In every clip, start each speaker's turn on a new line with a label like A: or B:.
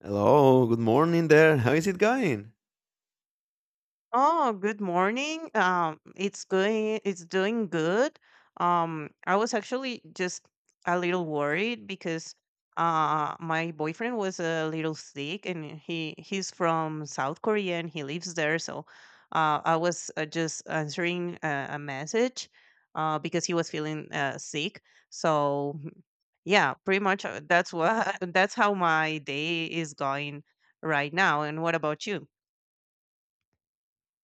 A: Hello, good morning there. How is it going?
B: Oh, good morning. It's going, it's doing good. I was actually just a little worried because my boyfriend was a little sick, and he's from South Korea and he lives there, so I was just answering a message because he was feeling sick. So yeah, pretty much that's what that's how my day is going right now. And what about you?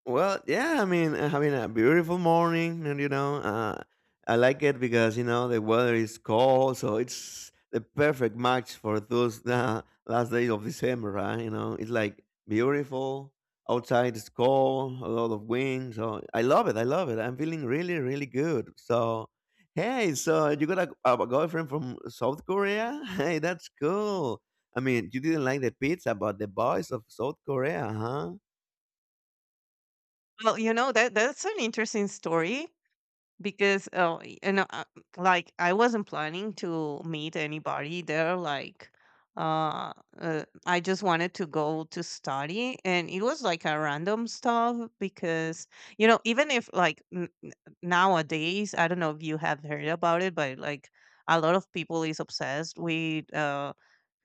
A: Well, yeah, I mean, having a beautiful morning, and you know, I like it because you know the weather is cold, so it's the perfect match for those last days of December, right? You know, it's like beautiful outside, it's cold, a lot of wind, so I love it. I love it. I'm feeling really, really good. So, hey, so you got a girlfriend from South Korea? Hey, that's cool. I mean, you didn't like the pizza, but the boys of South Korea, huh?
B: Well, you know that's an interesting story because like I wasn't planning to meet anybody there. Like, uh, I just wanted to go to study, and it was like a random stuff because you know, even if like nowadays, I don't know if you have heard about it, but like a lot of people is obsessed with. Uh,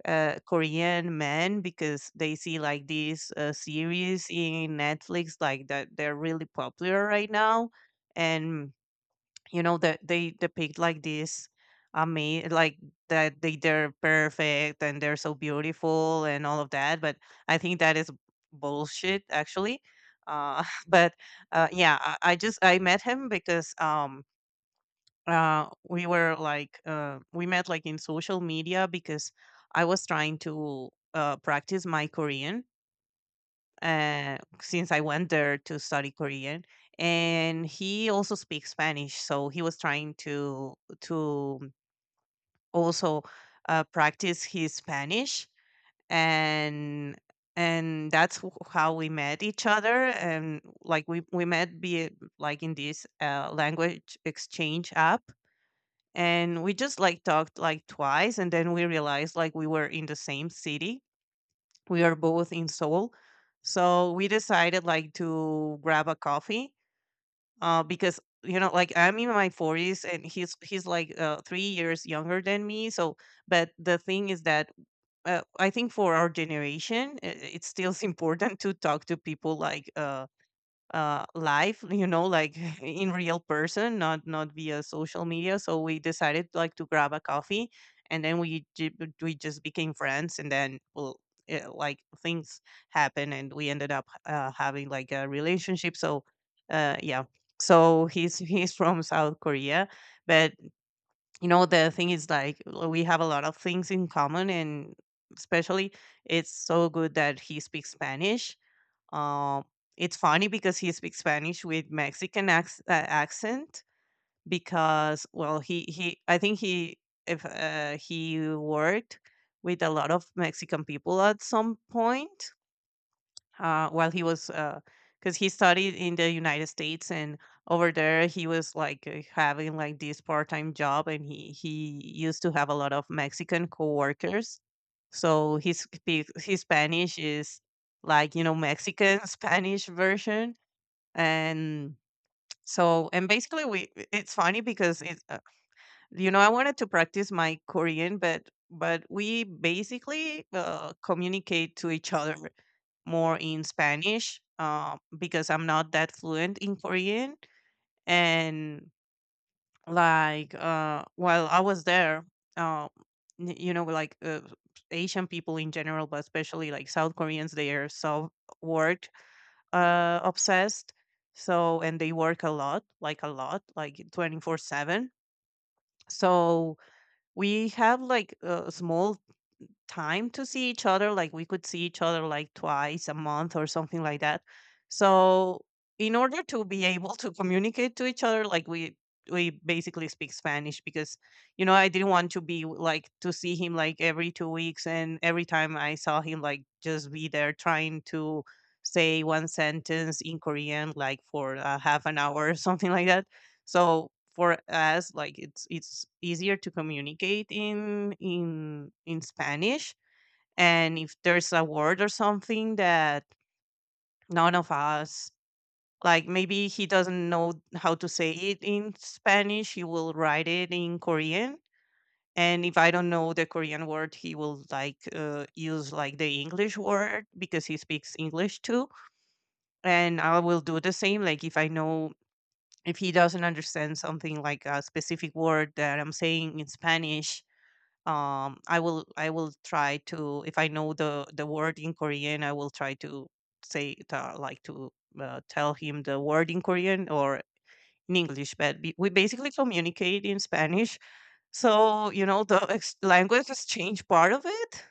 B: uh, Korean men, because they see like these series in Netflix like that they're really popular right now, and you know that they depict like this, I mean, like that they're perfect and they're so beautiful and all of that. But I think that is bullshit actually. Uh, but yeah, I just I met him because we were like we met like in social media because I was trying to practice my Korean, since I went there to study Korean. And he also speaks Spanish, so he was trying to to also practice his Spanish. And and how we met each other, and like we met be like in this language exchange app. And we just like talked like twice and then we realized like we were in the same city. We are both in Seoul, so we decided like to grab a coffee because you know like I'm in my 40s and he's like 3 years younger than me. So but the thing is that I think for our generation, it's still important to talk to people like live, you know, like in real person, not via social media. So we decided like to grab a coffee, and then we just became friends, and then well, it, like things happen, and we ended up having like a relationship. So yeah, so he's he's from South Korea. But you know the thing is like, we have a lot of things in common, and especially it's so good that he speaks Spanish. um, it's funny because he speaks Spanish with Mexican accent, because well he I think he, if he worked with a lot of Mexican people at some point while he was, because he studied in the United States, and over there he was like having like this part time job, and he used to have a lot of Mexican coworkers. So his Spanish is like, you know, Mexican Spanish version. And so and basically we, it's funny because it you know, I wanted to practice my Korean, but we basically communicate to each other more in Spanish because I'm not that fluent in Korean. And like while I was there, uh you know, like Asian people in general, but especially like South Koreans, they are so work obsessed. So and they work a lot, like a lot, like 24/7, so we have like small time to see each other. Like we could see each other like twice a month or something like that. So in order to be able to communicate to each other, like we basically speak Spanish, because you know I didn't want to be like to see him like every 2 weeks and every time I saw him like just be there trying to say one sentence in Korean like for half an hour or something like that. So for us like it's easier to communicate in Spanish. And if there's a word or something that none of us, like maybe he doesn't know how to say it in Spanish, he will write it in Korean. And if I don't know the Korean word, he will like use like the English word because he speaks English too. And I will do the same, like if I know, if he doesn't understand something like a specific word that I'm saying in Spanish, I will try to, if I know the word in Korean, I will try to say it, like to tell him the word in Korean or in English. But we basically communicate in Spanish. So you know the language exchange part of it,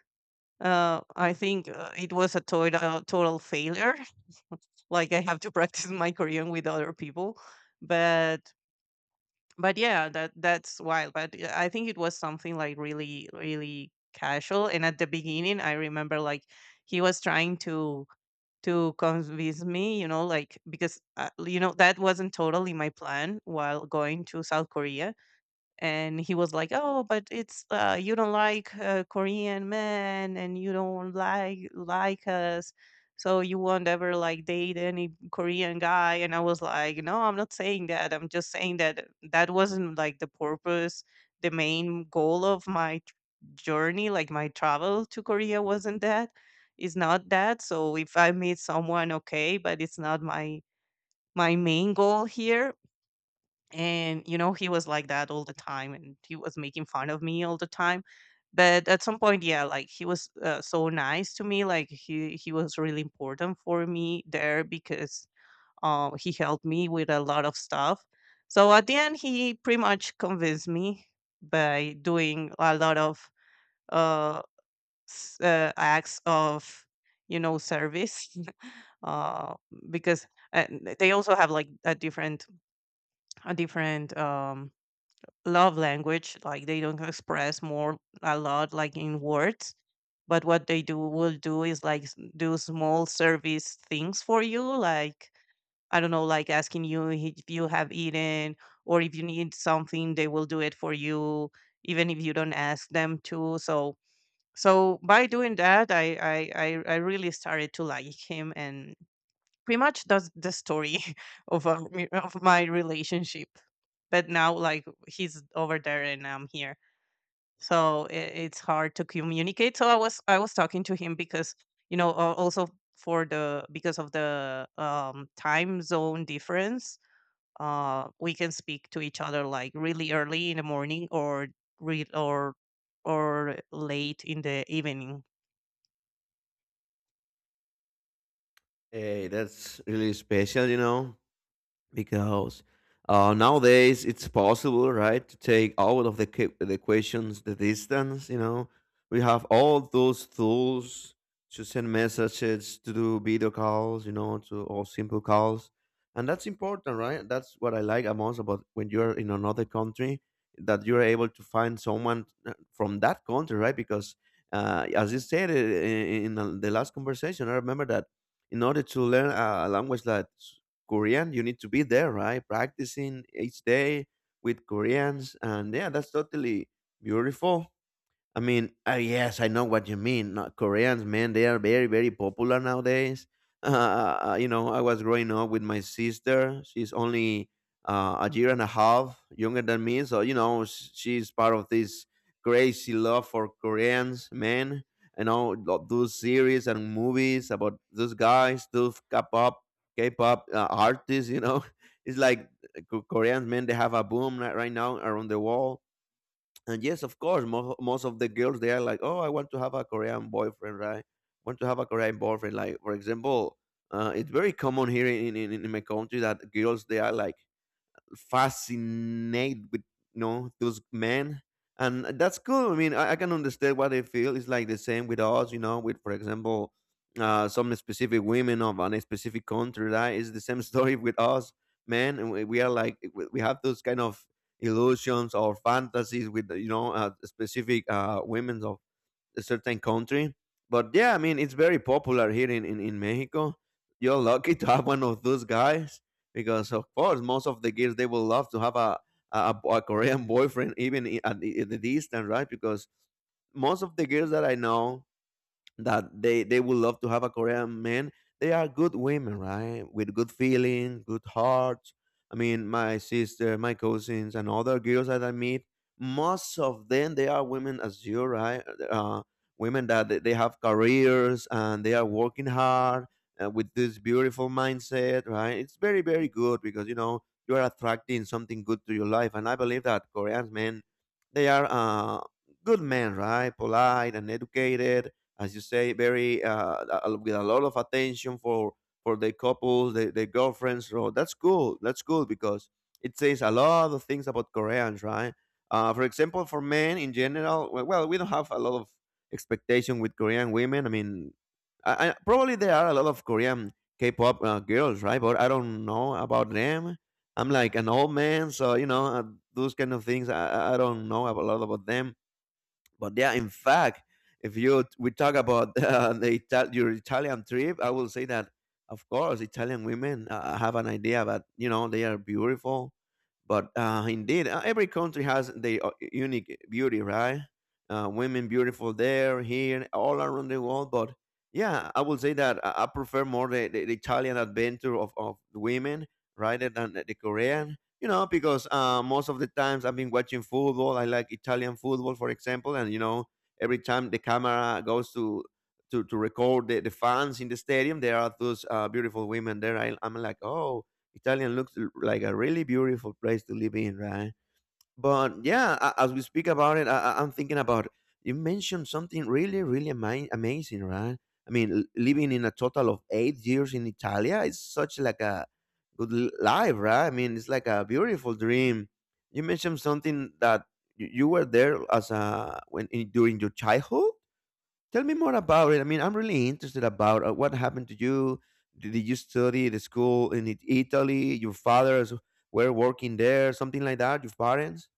B: I think it was a total failure. Like I have to practice my Korean with other people. But but yeah, that's wild. But I think it was something like really really casual. And at the beginning I remember like he was trying to convince me, you know, like because you know that wasn't totally my plan while going to South Korea. And he was like, oh, but it's you don't like Korean men and you don't like us, so you won't ever like date any Korean guy. And I was like, no, I'm not saying that, I'm just saying that that wasn't like the purpose, the main goal of journey, like my travel to Korea wasn't that. It's not that. So if I meet someone, okay, but it's not my main goal here. And you know he was like that all the time, and he was making fun of me all the time. But at some point, yeah, like he was so nice to me, like he was really important for me there because he helped me with a lot of stuff. So at the end, he pretty much convinced me by doing a lot of uh, acts of, you know, service. uh because uh, they also have like a different, a different love language, like they don't express more a lot like in words, but what they do, will do, is like do small service things for you, like I don't know, like asking you if you have eaten, or if you need something they will do it for you, even if you don't ask them to. So by doing that, I really started to like him, and pretty much that's the story of, our, of my relationship. But now like he's over there and I'm here, so it's hard to communicate. So I was talking to him because you know, also for the because of the time zone difference, we can speak to each other like really early in the morning, or re- or or late in the evening.
A: Hey, that's really special, you know, because nowadays it's possible, right, to take out of the the equations the distance. You know, we have all those tools to send messages, to do video calls, you know, to or simple calls, and that's important, right? That's what I like most about when you're in another country, that you're able to find someone from that country, right? Because as you said, in the last conversation, I remember that in order to learn a language, that Korean, you need to be there, right? Practicing each day with Koreans. And yeah, that's totally beautiful. I mean, yes, I know what you mean. Not Koreans, man, they are very, very popular nowadays. You know, I was growing up with my sister. She's only a year and a half younger than me, so you know, she's part of this crazy love for Koreans, man. You know, those series and movies about those guys, those K-pop artists. You know, it's like Koreans, man. They have a boom right now around the world. And yes, of course, most of the girls, they are like, oh, I want to have a Korean boyfriend, right? Want to have a Korean boyfriend. Like for example, it's very common here in my country that girls, they are like fascinated with, you know, those men, and that's cool. I mean, I can understand what they feel. It's like the same with us, you know, with, for example, some specific women of a specific country, right? It's the same story with us men, and we are like, we have those kind of illusions or fantasies with, you know, specific women of a certain country. But yeah, I mean, it's very popular here in Mexico. You're lucky to have one of those guys because, of course, most of the girls, they will love to have a Korean boyfriend, even at the distance, right? Because most of the girls that I know, that they would love to have a Korean man. They are good women, right? With good feeling, good hearts. I mean, my sister, my cousins, and other girls that I meet, most of them, they are women as you, right? Uh, women that they have careers and they are working hard, with this beautiful mindset, right? It's very, very good because, you know, you are attracting something good to your life, and I believe that Korean men, they are good men, right? Polite and educated, as you say, very with a lot of attention for the couples, the girlfriends. So that's cool. That's cool because it says a lot of things about Koreans, right? For example, for men in general, well, we don't have a lot of expectation with Korean women. I mean, probably there are a lot of Korean K-pop girls, right? But I don't know about them. I'm like an old man, so you know, those kind of things. I don't know a lot about them. But yeah, in fact, if you we talk about your Italian trip, I will say that of course Italian women have an idea that, you know, they are beautiful, but indeed, every country has their unique beauty, right? Women beautiful there, here, all around the world. But yeah, I will say that I prefer more the Italian adventure of women rather than the Korean, you know, because most of the times I've been watching football. I like Italian football, for example, and you know, every time the camera goes to record the fans in the stadium, there are those beautiful women there. I'm like, oh, Italian looks like a really beautiful place to live in, right? But yeah, as we speak about it, I'm thinking about, you mentioned something really, really amazing, right? I mean, living in a total of 8 years in Italia is such like a good life, right? I mean, it's like a beautiful dream. You mentioned something that you were there as a, during your childhood. Tell me more about it. I mean, I'm really interested about what happened to you. Did you study the school in Italy? Your fathers were working there, something like that. Your parents.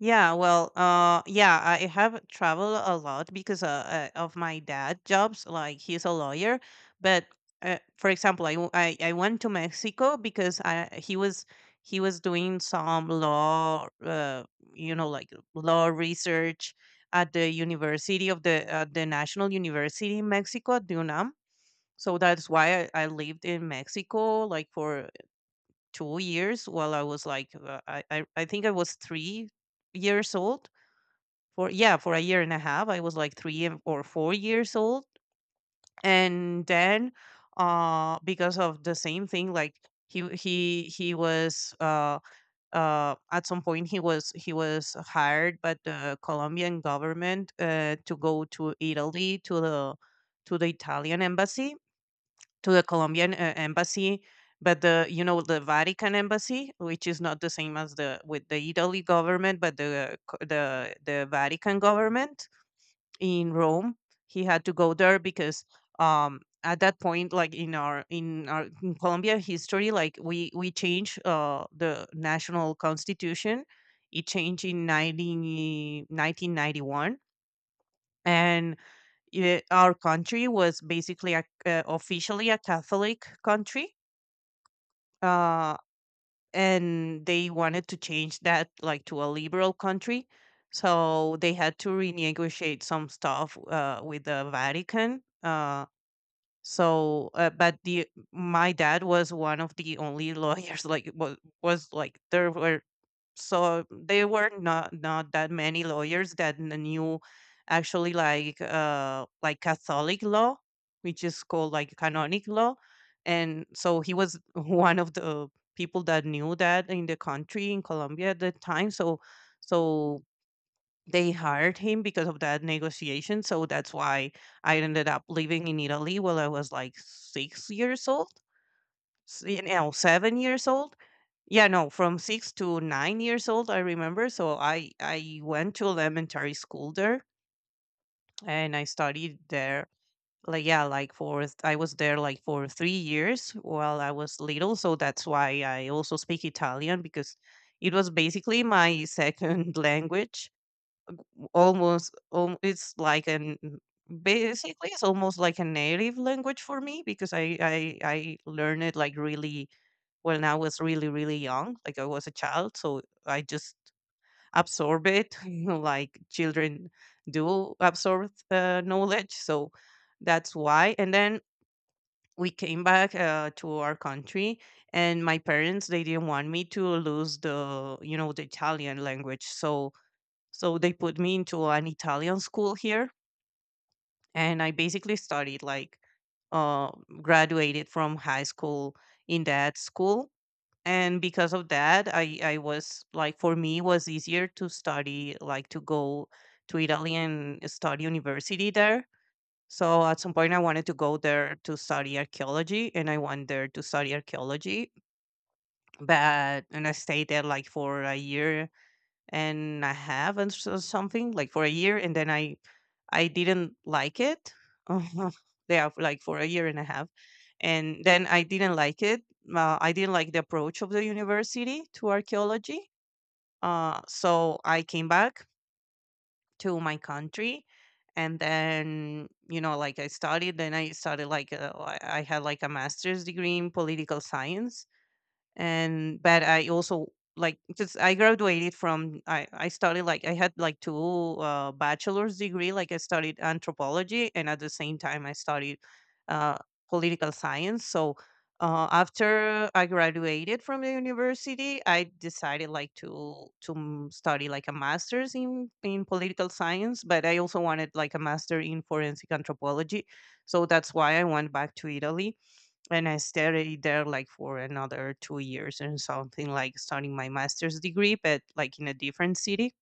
B: Yeah, well, yeah, I have traveled a lot because of my dad jobs. Like he's a lawyer, but for example, I went to Mexico because I he was doing some law, you know, like law research at the University of the National University in Mexico, at UNAM. So that's why I lived in Mexico like for 2 years while I was like I think I was 3 years old, for yeah, for a year and a half. I was like 3 or 4 years old. And then because of the same thing, like he was at some point he was, he was hired by the Colombian government to go to Italy, to the Italian embassy, to the Colombian embassy, but the, you know, the Vatican embassy, which is not the same as the with the Italy government, but the the Vatican government in Rome. He had to go there because at that point, like in our in Colombia history, like we changed the national constitution. It changed in 1991. And it, our country was basically a, officially a Catholic country. Uh, and they wanted to change that like to a liberal country, so they had to renegotiate some stuff with the Vatican. So but the my dad was one of the only lawyers, like was like there were, so there were not that many lawyers that knew actually like Catholic law, which is called like canonic law. And so he was one of the people that knew that in the country in Colombia at the time. So they hired him because of that negotiation. So that's why I ended up living in Italy while I was like 6 years old 7 years old. Yeah, no, from 6 to 9 years old, I remember. So I went to elementary school there, and I studied there. Like yeah, like I was there like for 3 years while I was little. So that's why I also speak Italian because it was basically my second language. Almost, it's like an basically it's almost like a native language for me because I learned it like really when I was really, really young, like I was a child. So I just absorb it, you know, like children do absorb knowledge. So that's why. And then we came back to our country, and my parents they didn't want me to lose the the Italian language. So they put me into an Italian school here, and I basically studied like uh, graduated from high school in that school, and because of that I was like for me it was easier to study, like to go to Italy and study university there. So at some point I wanted to go there to study archaeology, and I went there to study archaeology, but and I stayed there like for a year and a half, and so something like for a year, and then I didn't like it. Yeah, like for a year and a half, and then I didn't like it. I didn't like the approach of the university to archaeology. So I came back to my country, and then you know like I studied, then I started like I had like a master's degree in political science. And but I also, like just I graduated from I studied, like I had like two bachelor's degree, like I studied anthropology, and at the same time I studied uh, political science. So after I graduated from the university, I decided like study like a master's in political science, but I also wanted like a master in forensic anthropology. So that's why I went back to Italy, and I stayed there like for another 2 years and something, like starting my master's degree, but like in a different city,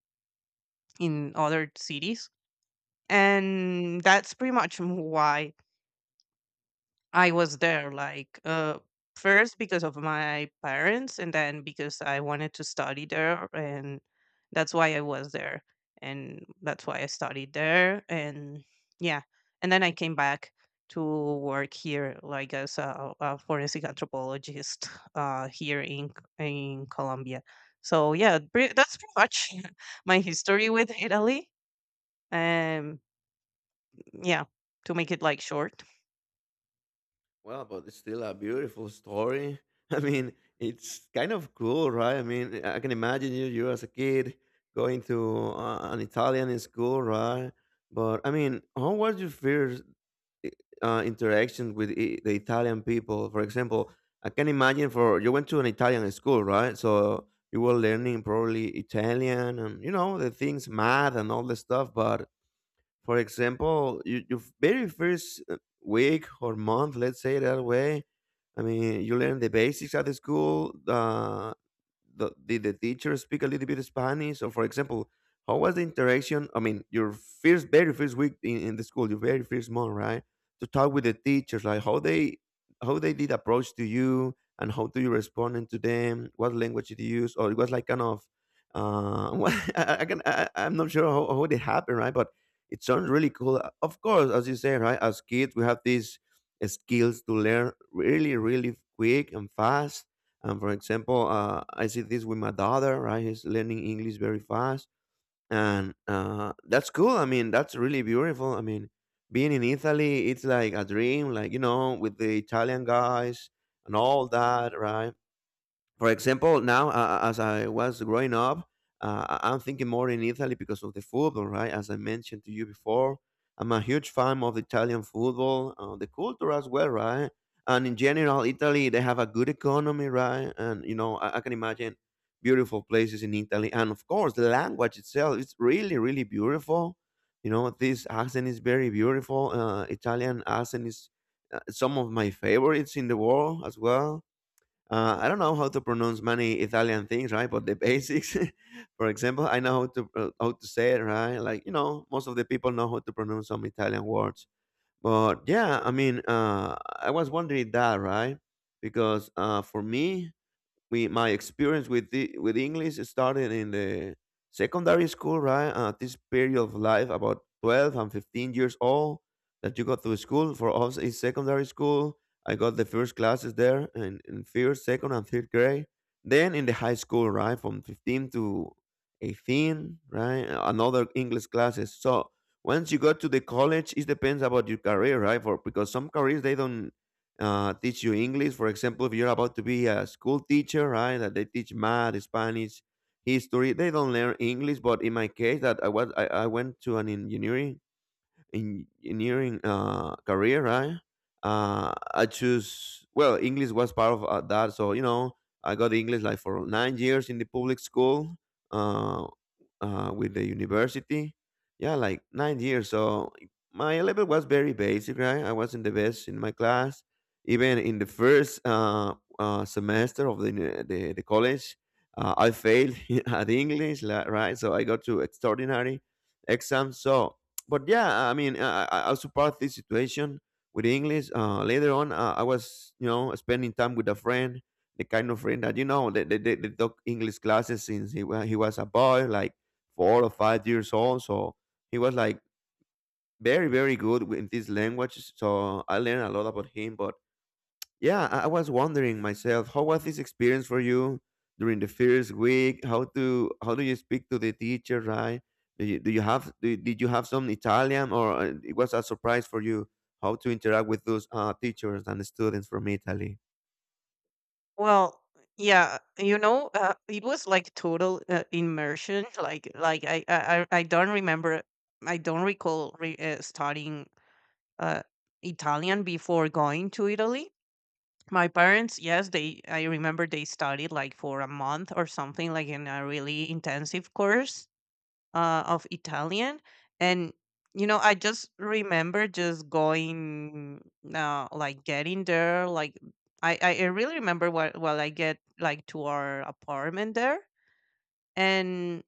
B: in other cities. And that's pretty much why I was there like uh, first because of my parents, and then because I wanted to study there, and that's why I was there, and that's why I studied there. And yeah, and then I came back to work here like as a forensic anthropologist uh, here in Colombia. So yeah, that's pretty much my history with Italy. Um yeah, to make it like short.
A: Well, but it's still a beautiful story. I mean, it's kind of cool, right? I mean, I can imagine you, you as a kid going to an Italian school, right? But I mean, how was your first i- interaction with the Italian people? For example, I can imagine for you went to an Italian school, right? So you were learning probably Italian and, you know, the things, math and all the stuff. But for example, your very first week or month, let's say that way, I mean, you learn the basics at the school. Did the teacher speak a little bit of Spanish? Or for example, how was the interaction? I mean, your first, very first week in the school, your very first month, right? To talk with the teachers, like how they did approach to you, and how do you respond to them? What language did you use? Or it was like kind of, what, I can I- I'm not sure how it happened, right? But it sounds really cool. Of course, as you say, right? As kids, we have these skills to learn really, really quick and fast, and for example, I see this with my daughter, right? He's learning English very fast. And that's cool. I mean, that's really beautiful. I mean, being in Italy, it's like a dream, like, you know, with the Italian guys and all that, right? For example, now as I was growing up, I'm thinking more in Italy because of the football, right? As I mentioned to you before, I'm a huge fan of Italian football, the culture as well, right? And in general, Italy, they have a good economy, right? And you know, I can imagine beautiful places in Italy, and of course, the language itself is really, really beautiful. You know, this accent is very beautiful. Italian accent is some of my favorites in the world as well. I don't know how to pronounce many Italian things, right? But the basics, for example, I know how to how to say it, right? Like, you know, most of the people know how to pronounce some Italian words. But yeah, I mean, I was wondering that, right? Because for me, we my experience with with English started in the secondary school, right? At this period of life, about 12 and 15 years old, that you go to school. For us, it's secondary school. I got the first classes there in first, second, and third grade. Then in the high school, right, from 15 to 18, right, another English classes. So once you go to the college, it depends about your career, right? For because some careers, they don't teach you English. For example, if you're about to be a school teacher, right, that they teach math, Spanish, history, they don't learn English. But in my case, that I went to an engineering career, right? I choose well, English was part of that, so you know, I got English like for 9 years in the public school, uh, with the university. Yeah, like 9 years. So my level was very basic, right? I wasn't the best in my class. Even in the first semester of the the college, I failed at English, right? So I got to extraordinary exam. But yeah, I mean, I support this situation with English. Later on, I was, you know, spending time with a friend, the kind of friend that you know, they took English classes since he was a boy, like 4 or 5 years old. So he was like very good with this language. So I learned a lot about him. But yeah, I was wondering myself, how was this experience for you during the first week? How do you speak to the teacher, right? Do you have do, did you have some Italian, or it was a surprise for you how to interact with those teachers and students from Italy?
B: Well, yeah, you know, it was like total immersion. Like I don't remember, I don't recall studying uh, Italian before going to Italy. My parents, yes, they, I remember they studied like for a month or something, like in a really intensive course of Italian. And you know, I just remember just going, like getting there. Like I really remember while I get like to our apartment there. And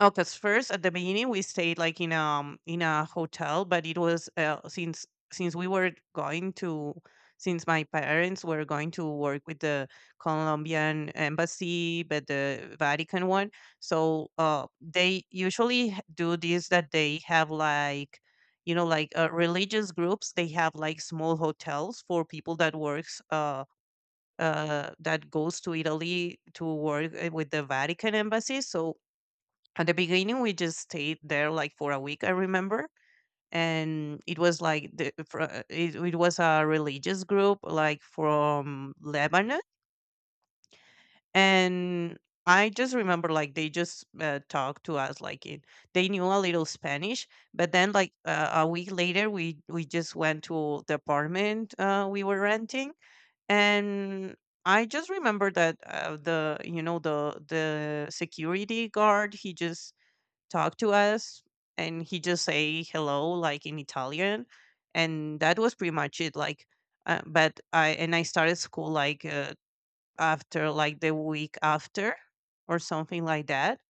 B: oh, because first at the beginning we stayed like in a hotel, but it was since we were going to, since my parents were going to work with the Colombian embassy, but the Vatican one. So they usually do this, that they have like, you know like religious groups. They have like small hotels for people that works that goes to Italy to work with the Vatican embassy. So at the beginning we just stayed there like for a week, I remember. And it was like it was a religious group like from Lebanon. And I just remember like they just talked to us like in, they knew a little Spanish. But then like a week later we just went to the apartment we were renting. And I just remember that the you know the security guard, he just talk to us, and he just say hello like in Italian. And that was pretty much it, like but I, and I started school like after like the week after or something like that.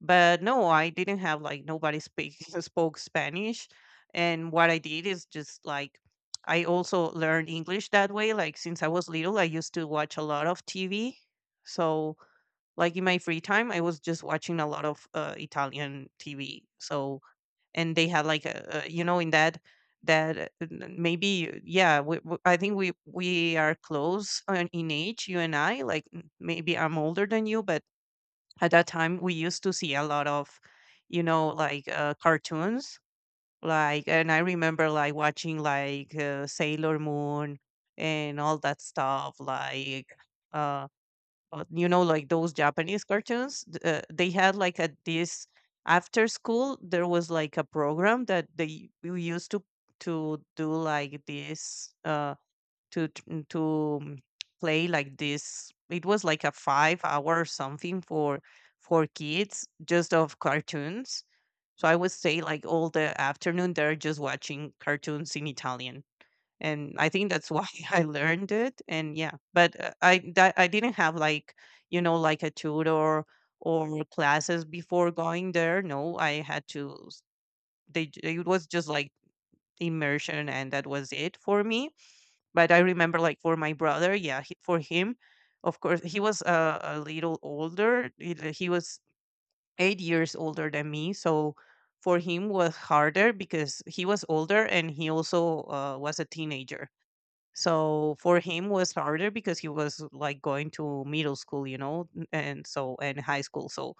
B: But no, I didn't have like, nobody speak spoke Spanish. And what I did is just like, I also learned English that way, like since I was little I used to watch a lot of TV. So like in my free time, I was just watching a lot of Italian TV. So, and they had like a, you know, in that that maybe yeah I think we are close in age, you and I, like n- maybe I'm older than you, but at that time we used to see a lot of, you know like cartoons, like. And I remember like watching like Sailor Moon and all that stuff, like uh, you know like those Japanese cartoons they had like at this, after school there was like a program that they we used to do like this uh, to t- mm, to play like this, it was like a 5 hour something for kids just of cartoons. So I would say like all the afternoon they're just watching cartoons in Italian. And I think that's why I learned it. And yeah, but I that I didn't have like, you know like a tutor or classes before going there. No, I had to. It was just like immersion, and that was it for me. But I remember like for my brother, yeah, he, for him, of course, he was a little older. He was 8 years older than me, so. For him was harder because he was older, and he also was a teenager. So for him was harder because he was like going to middle school, you know, and so and high school. So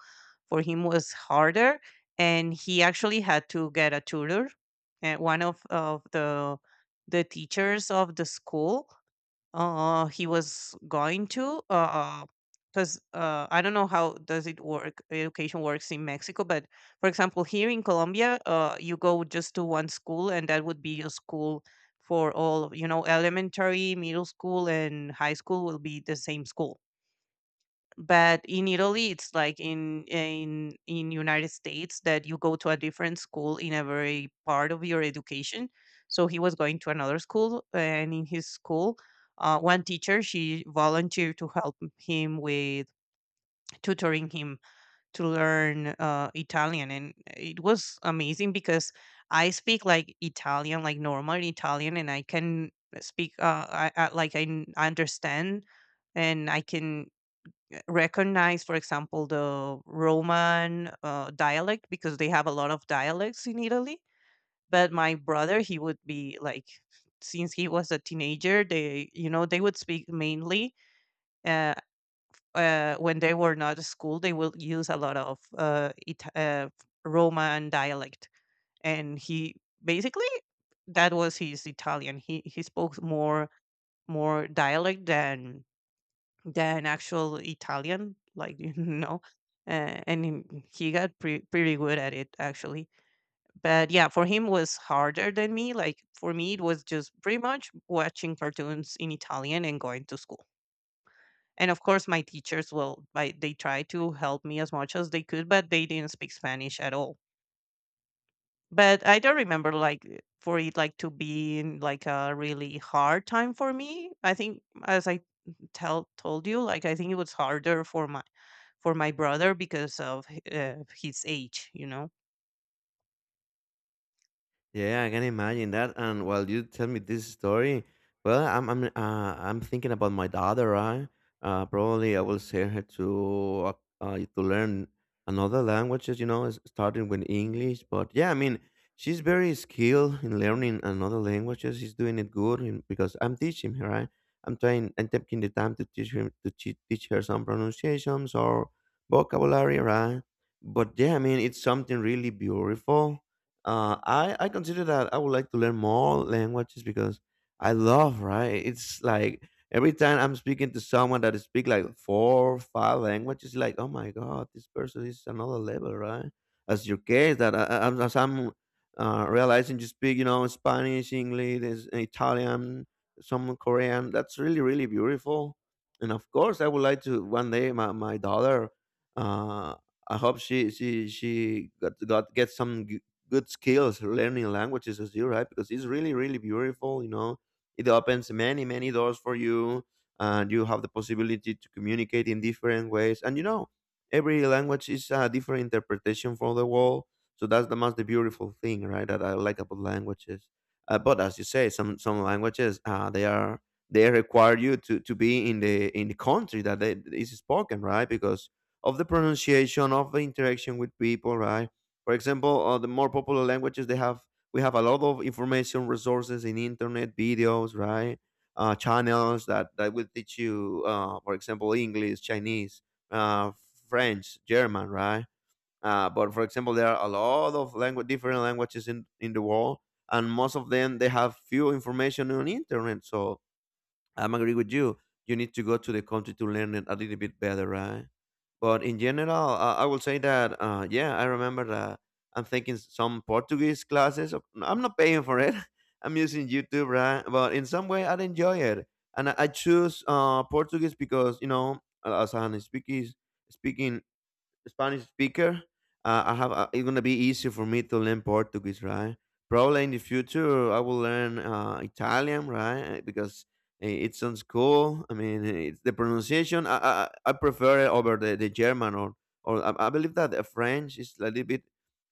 B: for him was harder, and he actually had to get a tutor. And one of the teachers of the school he was going to, because I don't know how does it work, education works in Mexico, but for example, here in Colombia, you go just to one school, and that would be your school for all, you know, elementary, middle school, and high school will be the same school. But in Italy, it's like in United States, that you go to a different school in every part of your education. So he was going to another school, and in his school, one teacher, she volunteered to help him with tutoring him, to learn Italian. And it was amazing because I speak like Italian, like normal Italian, and I can speak like understand, and I can recognize, for example, the Roman dialect, because they have a lot of dialects in Italy. But my brother, he would be like, since he was a teenager, they, you know, they would speak mainly uh, when they were not at school, they will use a lot of Roman dialect. And he basically, that was his Italian. He spoke more, more dialect than actual Italian, like you know. Uh, and he got pretty good at it actually. But yeah, for him was harder than me. Like for me, it was just pretty much watching cartoons in Italian and going to school. And of course, my teachers, well, I, they tried to help me as much as they could, but they didn't speak Spanish at all. But I don't remember like for it like to be in like a really hard time for me. I think as I tell told you, like I think it was harder for my, for my brother because of his age, you know.
A: Yeah, I can imagine that. And while you tell me this story, well, I'm thinking about my daughter. Right? Probably I will send her to learn another languages. You know, starting with English. But yeah, I mean, she's very skilled in learning another languages. She's doing it good in, because I'm teaching her. Right? I'm trying. I'm taking the time to teach her to teach her some pronunciations or vocabulary. Right? But yeah, I mean, it's something really beautiful. I consider that I would like to learn more languages because I love right. It's like every time I'm speaking to someone that speak like four, five languages, like oh my god, this person is another level, right? As your case, that as I'm realizing you speak, you know, Spanish, English, Italian, some Korean. That's really beautiful. And of course, I would like to one day my my daughter. Uh, I hope she got get some good skills learning languages as you right, because it's really beautiful, you know, it opens many doors for you, and you have the possibility to communicate in different ways, and you know every language is a different interpretation for the world. So that's the most beautiful thing, right, that I like about languages. But as you say, some languages they are, they require you to, be in the country that they, is spoken, right? Because of the pronunciation of the interaction with people, right? For example, the more popular languages they have, we have a lot of information resources in internet, videos, right? Channels that will teach you, for example, English, Chinese, uh, French, German, right? But for example, there are a lot of language, different languages in the world, and most of them they have few information on internet. So I'm agree with you. You need to go to the country to learn it a little bit better, right? But in general, I will say that yeah, I remember that I'm taking some Portuguese classes. I'm not paying for it. I'm using YouTube, right? But in some way, I enjoy it, and I choose Portuguese because you know, as an speaking Spanish speaker, I have it's gonna be easy for me to learn Portuguese, right? Probably in the future I will learn Italian, right? Eh, because it sounds cool. I mean, it's the pronunciation I prefer it over the German or I believe that the French is a little bit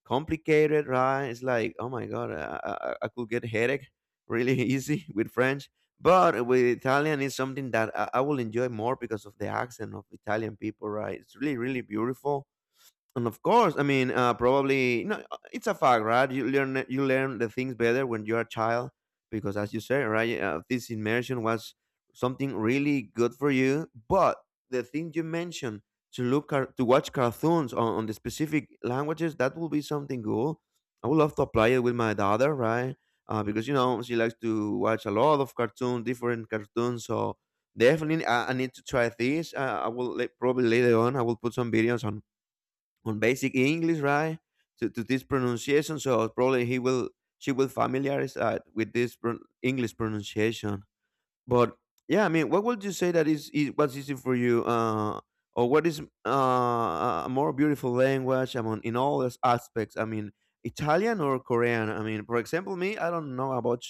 A: complicated, right? It's like oh my god, I could get headache really easy with French. But with Italian is something that I will enjoy more because of the accent of Italian people, right? It's really, really beautiful, and of course, I mean, probably no. It's a fact, right? You learn the things better when you're a child because, as you say, right, this immersion was something really good for you. But the thing you mentioned to look at, to watch cartoons on the specific languages, that will be something cool. I would love to apply it with my daughter, right? Because you know she likes to watch a lot of cartoons, different cartoons. So definitely, I need to try this. Probably later on, I will put some videos on basic English, right? To this pronunciation, so probably he will she will familiarize with this English pronunciation. But yeah, I mean, what would you say that is what's easy for you, or what is a more beautiful language? I mean, in all those aspects. I mean, Italian or Korean. I mean, for example, me, I don't know about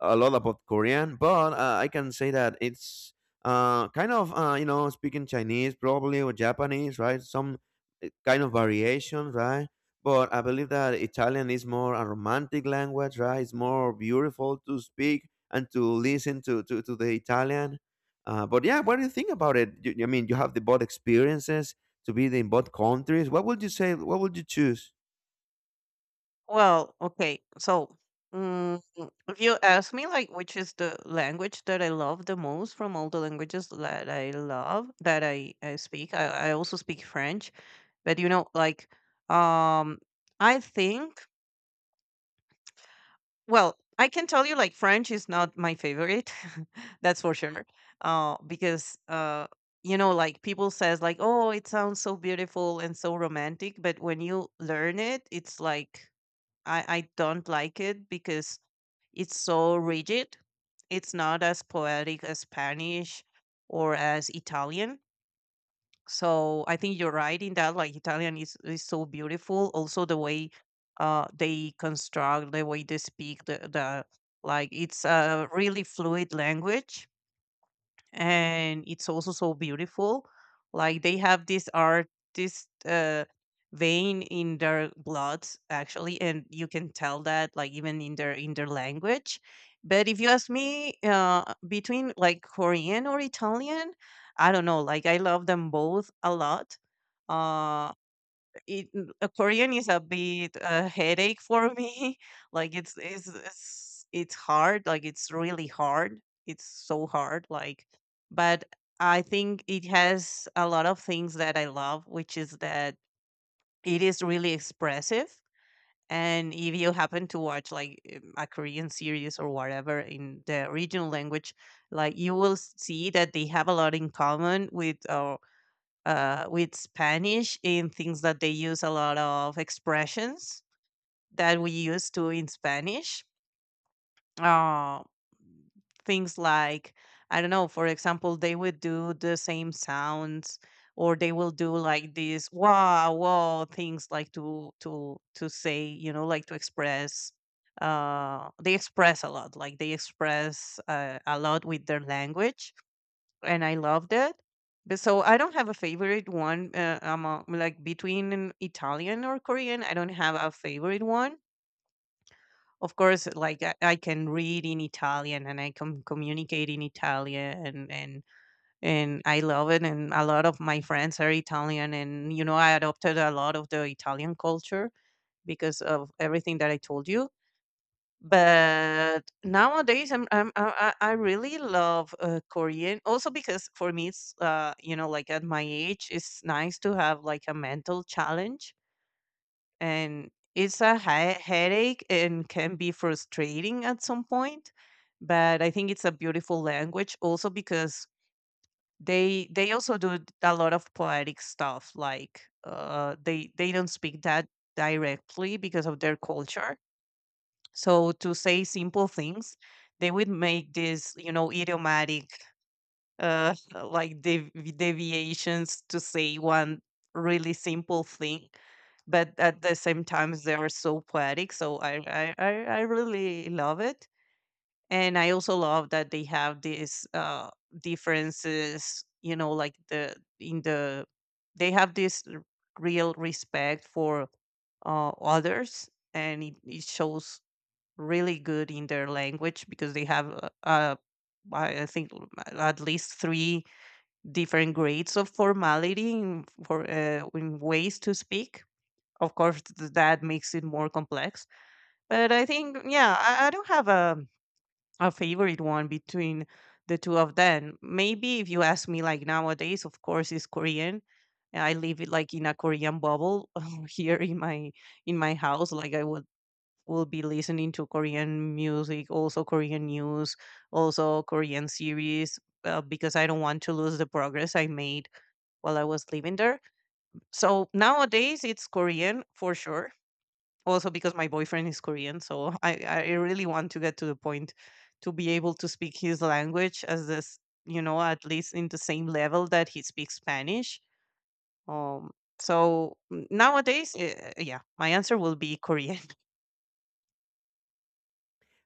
A: a lot about Korean, but I can say that it's kind of you know speaking Chinese probably or Japanese, right? Some eh, kind of variation, right? But I believe that Italian is more a romantic language, right? It's more beautiful to speak and to listen to the Italian. But yeah, what do you think about it? You, I mean, you have the both experiences to be in both countries. What would you say? What would you choose?
B: Well, okay. So, mm, if you ask me, like, which is the language that I love the most from all the languages that I love, that I speak, I also speak French, but you know, like, um, I think. Well, I can tell you, like, French is not my favorite. That's for sure. Because, you know, like people says like, "Oh, it sounds so beautiful and so romantic," but when you learn it, it's like, I don't like it because it's so rigid. It's not as poetic as Spanish or as Italian. So I think you're right in that. Like Italian is so beautiful. Also the way they construct, the way they speak, the like it's a really fluid language, and it's also so beautiful. Like they have this art, this vein in their blood, actually, and you can tell that, like even in their language. But if you ask me, between like Korean or Italian, I don't know. Like I love them both a lot. Uh, Korean is a bit a headache for me. Like it's hard. Like it's really hard. It's so hard. Like, but I think it has a lot of things that I love, which is that it is really expressive. And if you happen to watch like a Korean series or whatever in the original language, like you will see that they have a lot in common with Spanish in things that they use a lot of expressions that we use to in Spanish. Uh, things like, I don't know, for example, they would do the same sounds, or they will do like these wow wow things like to say, you know, like to express, they express a lot, like they express a lot with their language, and I loved it. But so I don't have a favorite one. Among, like between an Italian or Korean, I don't have a favorite one. Of course, like I can read in Italian and I can communicate in Italian, and I love it. And a lot of my friends are Italian, and you know I adopted a lot of the Italian culture because of everything that I told you. But nowadays, I'm I really love Korean. Also because for me, it's uh, you know, like at my age, it's nice to have like a mental challenge, and it's a headache and can be frustrating at some point. But I think it's a beautiful language. Also because they also do a lot of poetic stuff. Like they don't speak that directly because of their culture, so to say simple things, they would make this, you know, idiomatic, uh, like deviations to say one really simple thing, but at the same time they are so poetic. So I really love it, and I also love that they have these differences. You know, like the in the they have real respect for others, and it shows really good in their language because they have I think, at least three different grades of formality in, for in ways to speak. Of course, that makes it more complex. But I think, yeah, I don't have a favorite one between the two of them. Maybe if you ask me, like nowadays, of course, is Korean. I live it like in a Korean bubble here in my house. Like I was, will be listening to Korean music, also Korean news, also Korean series, because I don't want to lose the progress I made while I was living there. So nowadays it's Korean for sure. Also because my boyfriend is Korean, so I really want to get to the point to be able to speak his language as this, you know, at least in the same level that he speaks Spanish. Um, so nowadays, yeah, my answer will be Korean.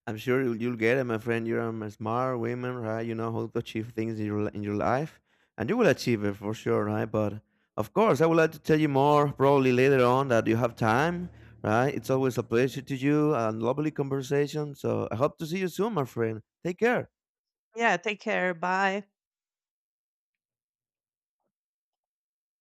A: I'm sure you'll get it, my friend. You're a smart woman, right? You know how to achieve things in your in your life, and you will achieve it for sure, right? But of course, I would like to tell you more probably later on that you have time, right? It's always a pleasure to you and lovely conversation. So I hope to see you soon, my friend. Take care.
B: Yeah, take care. Bye.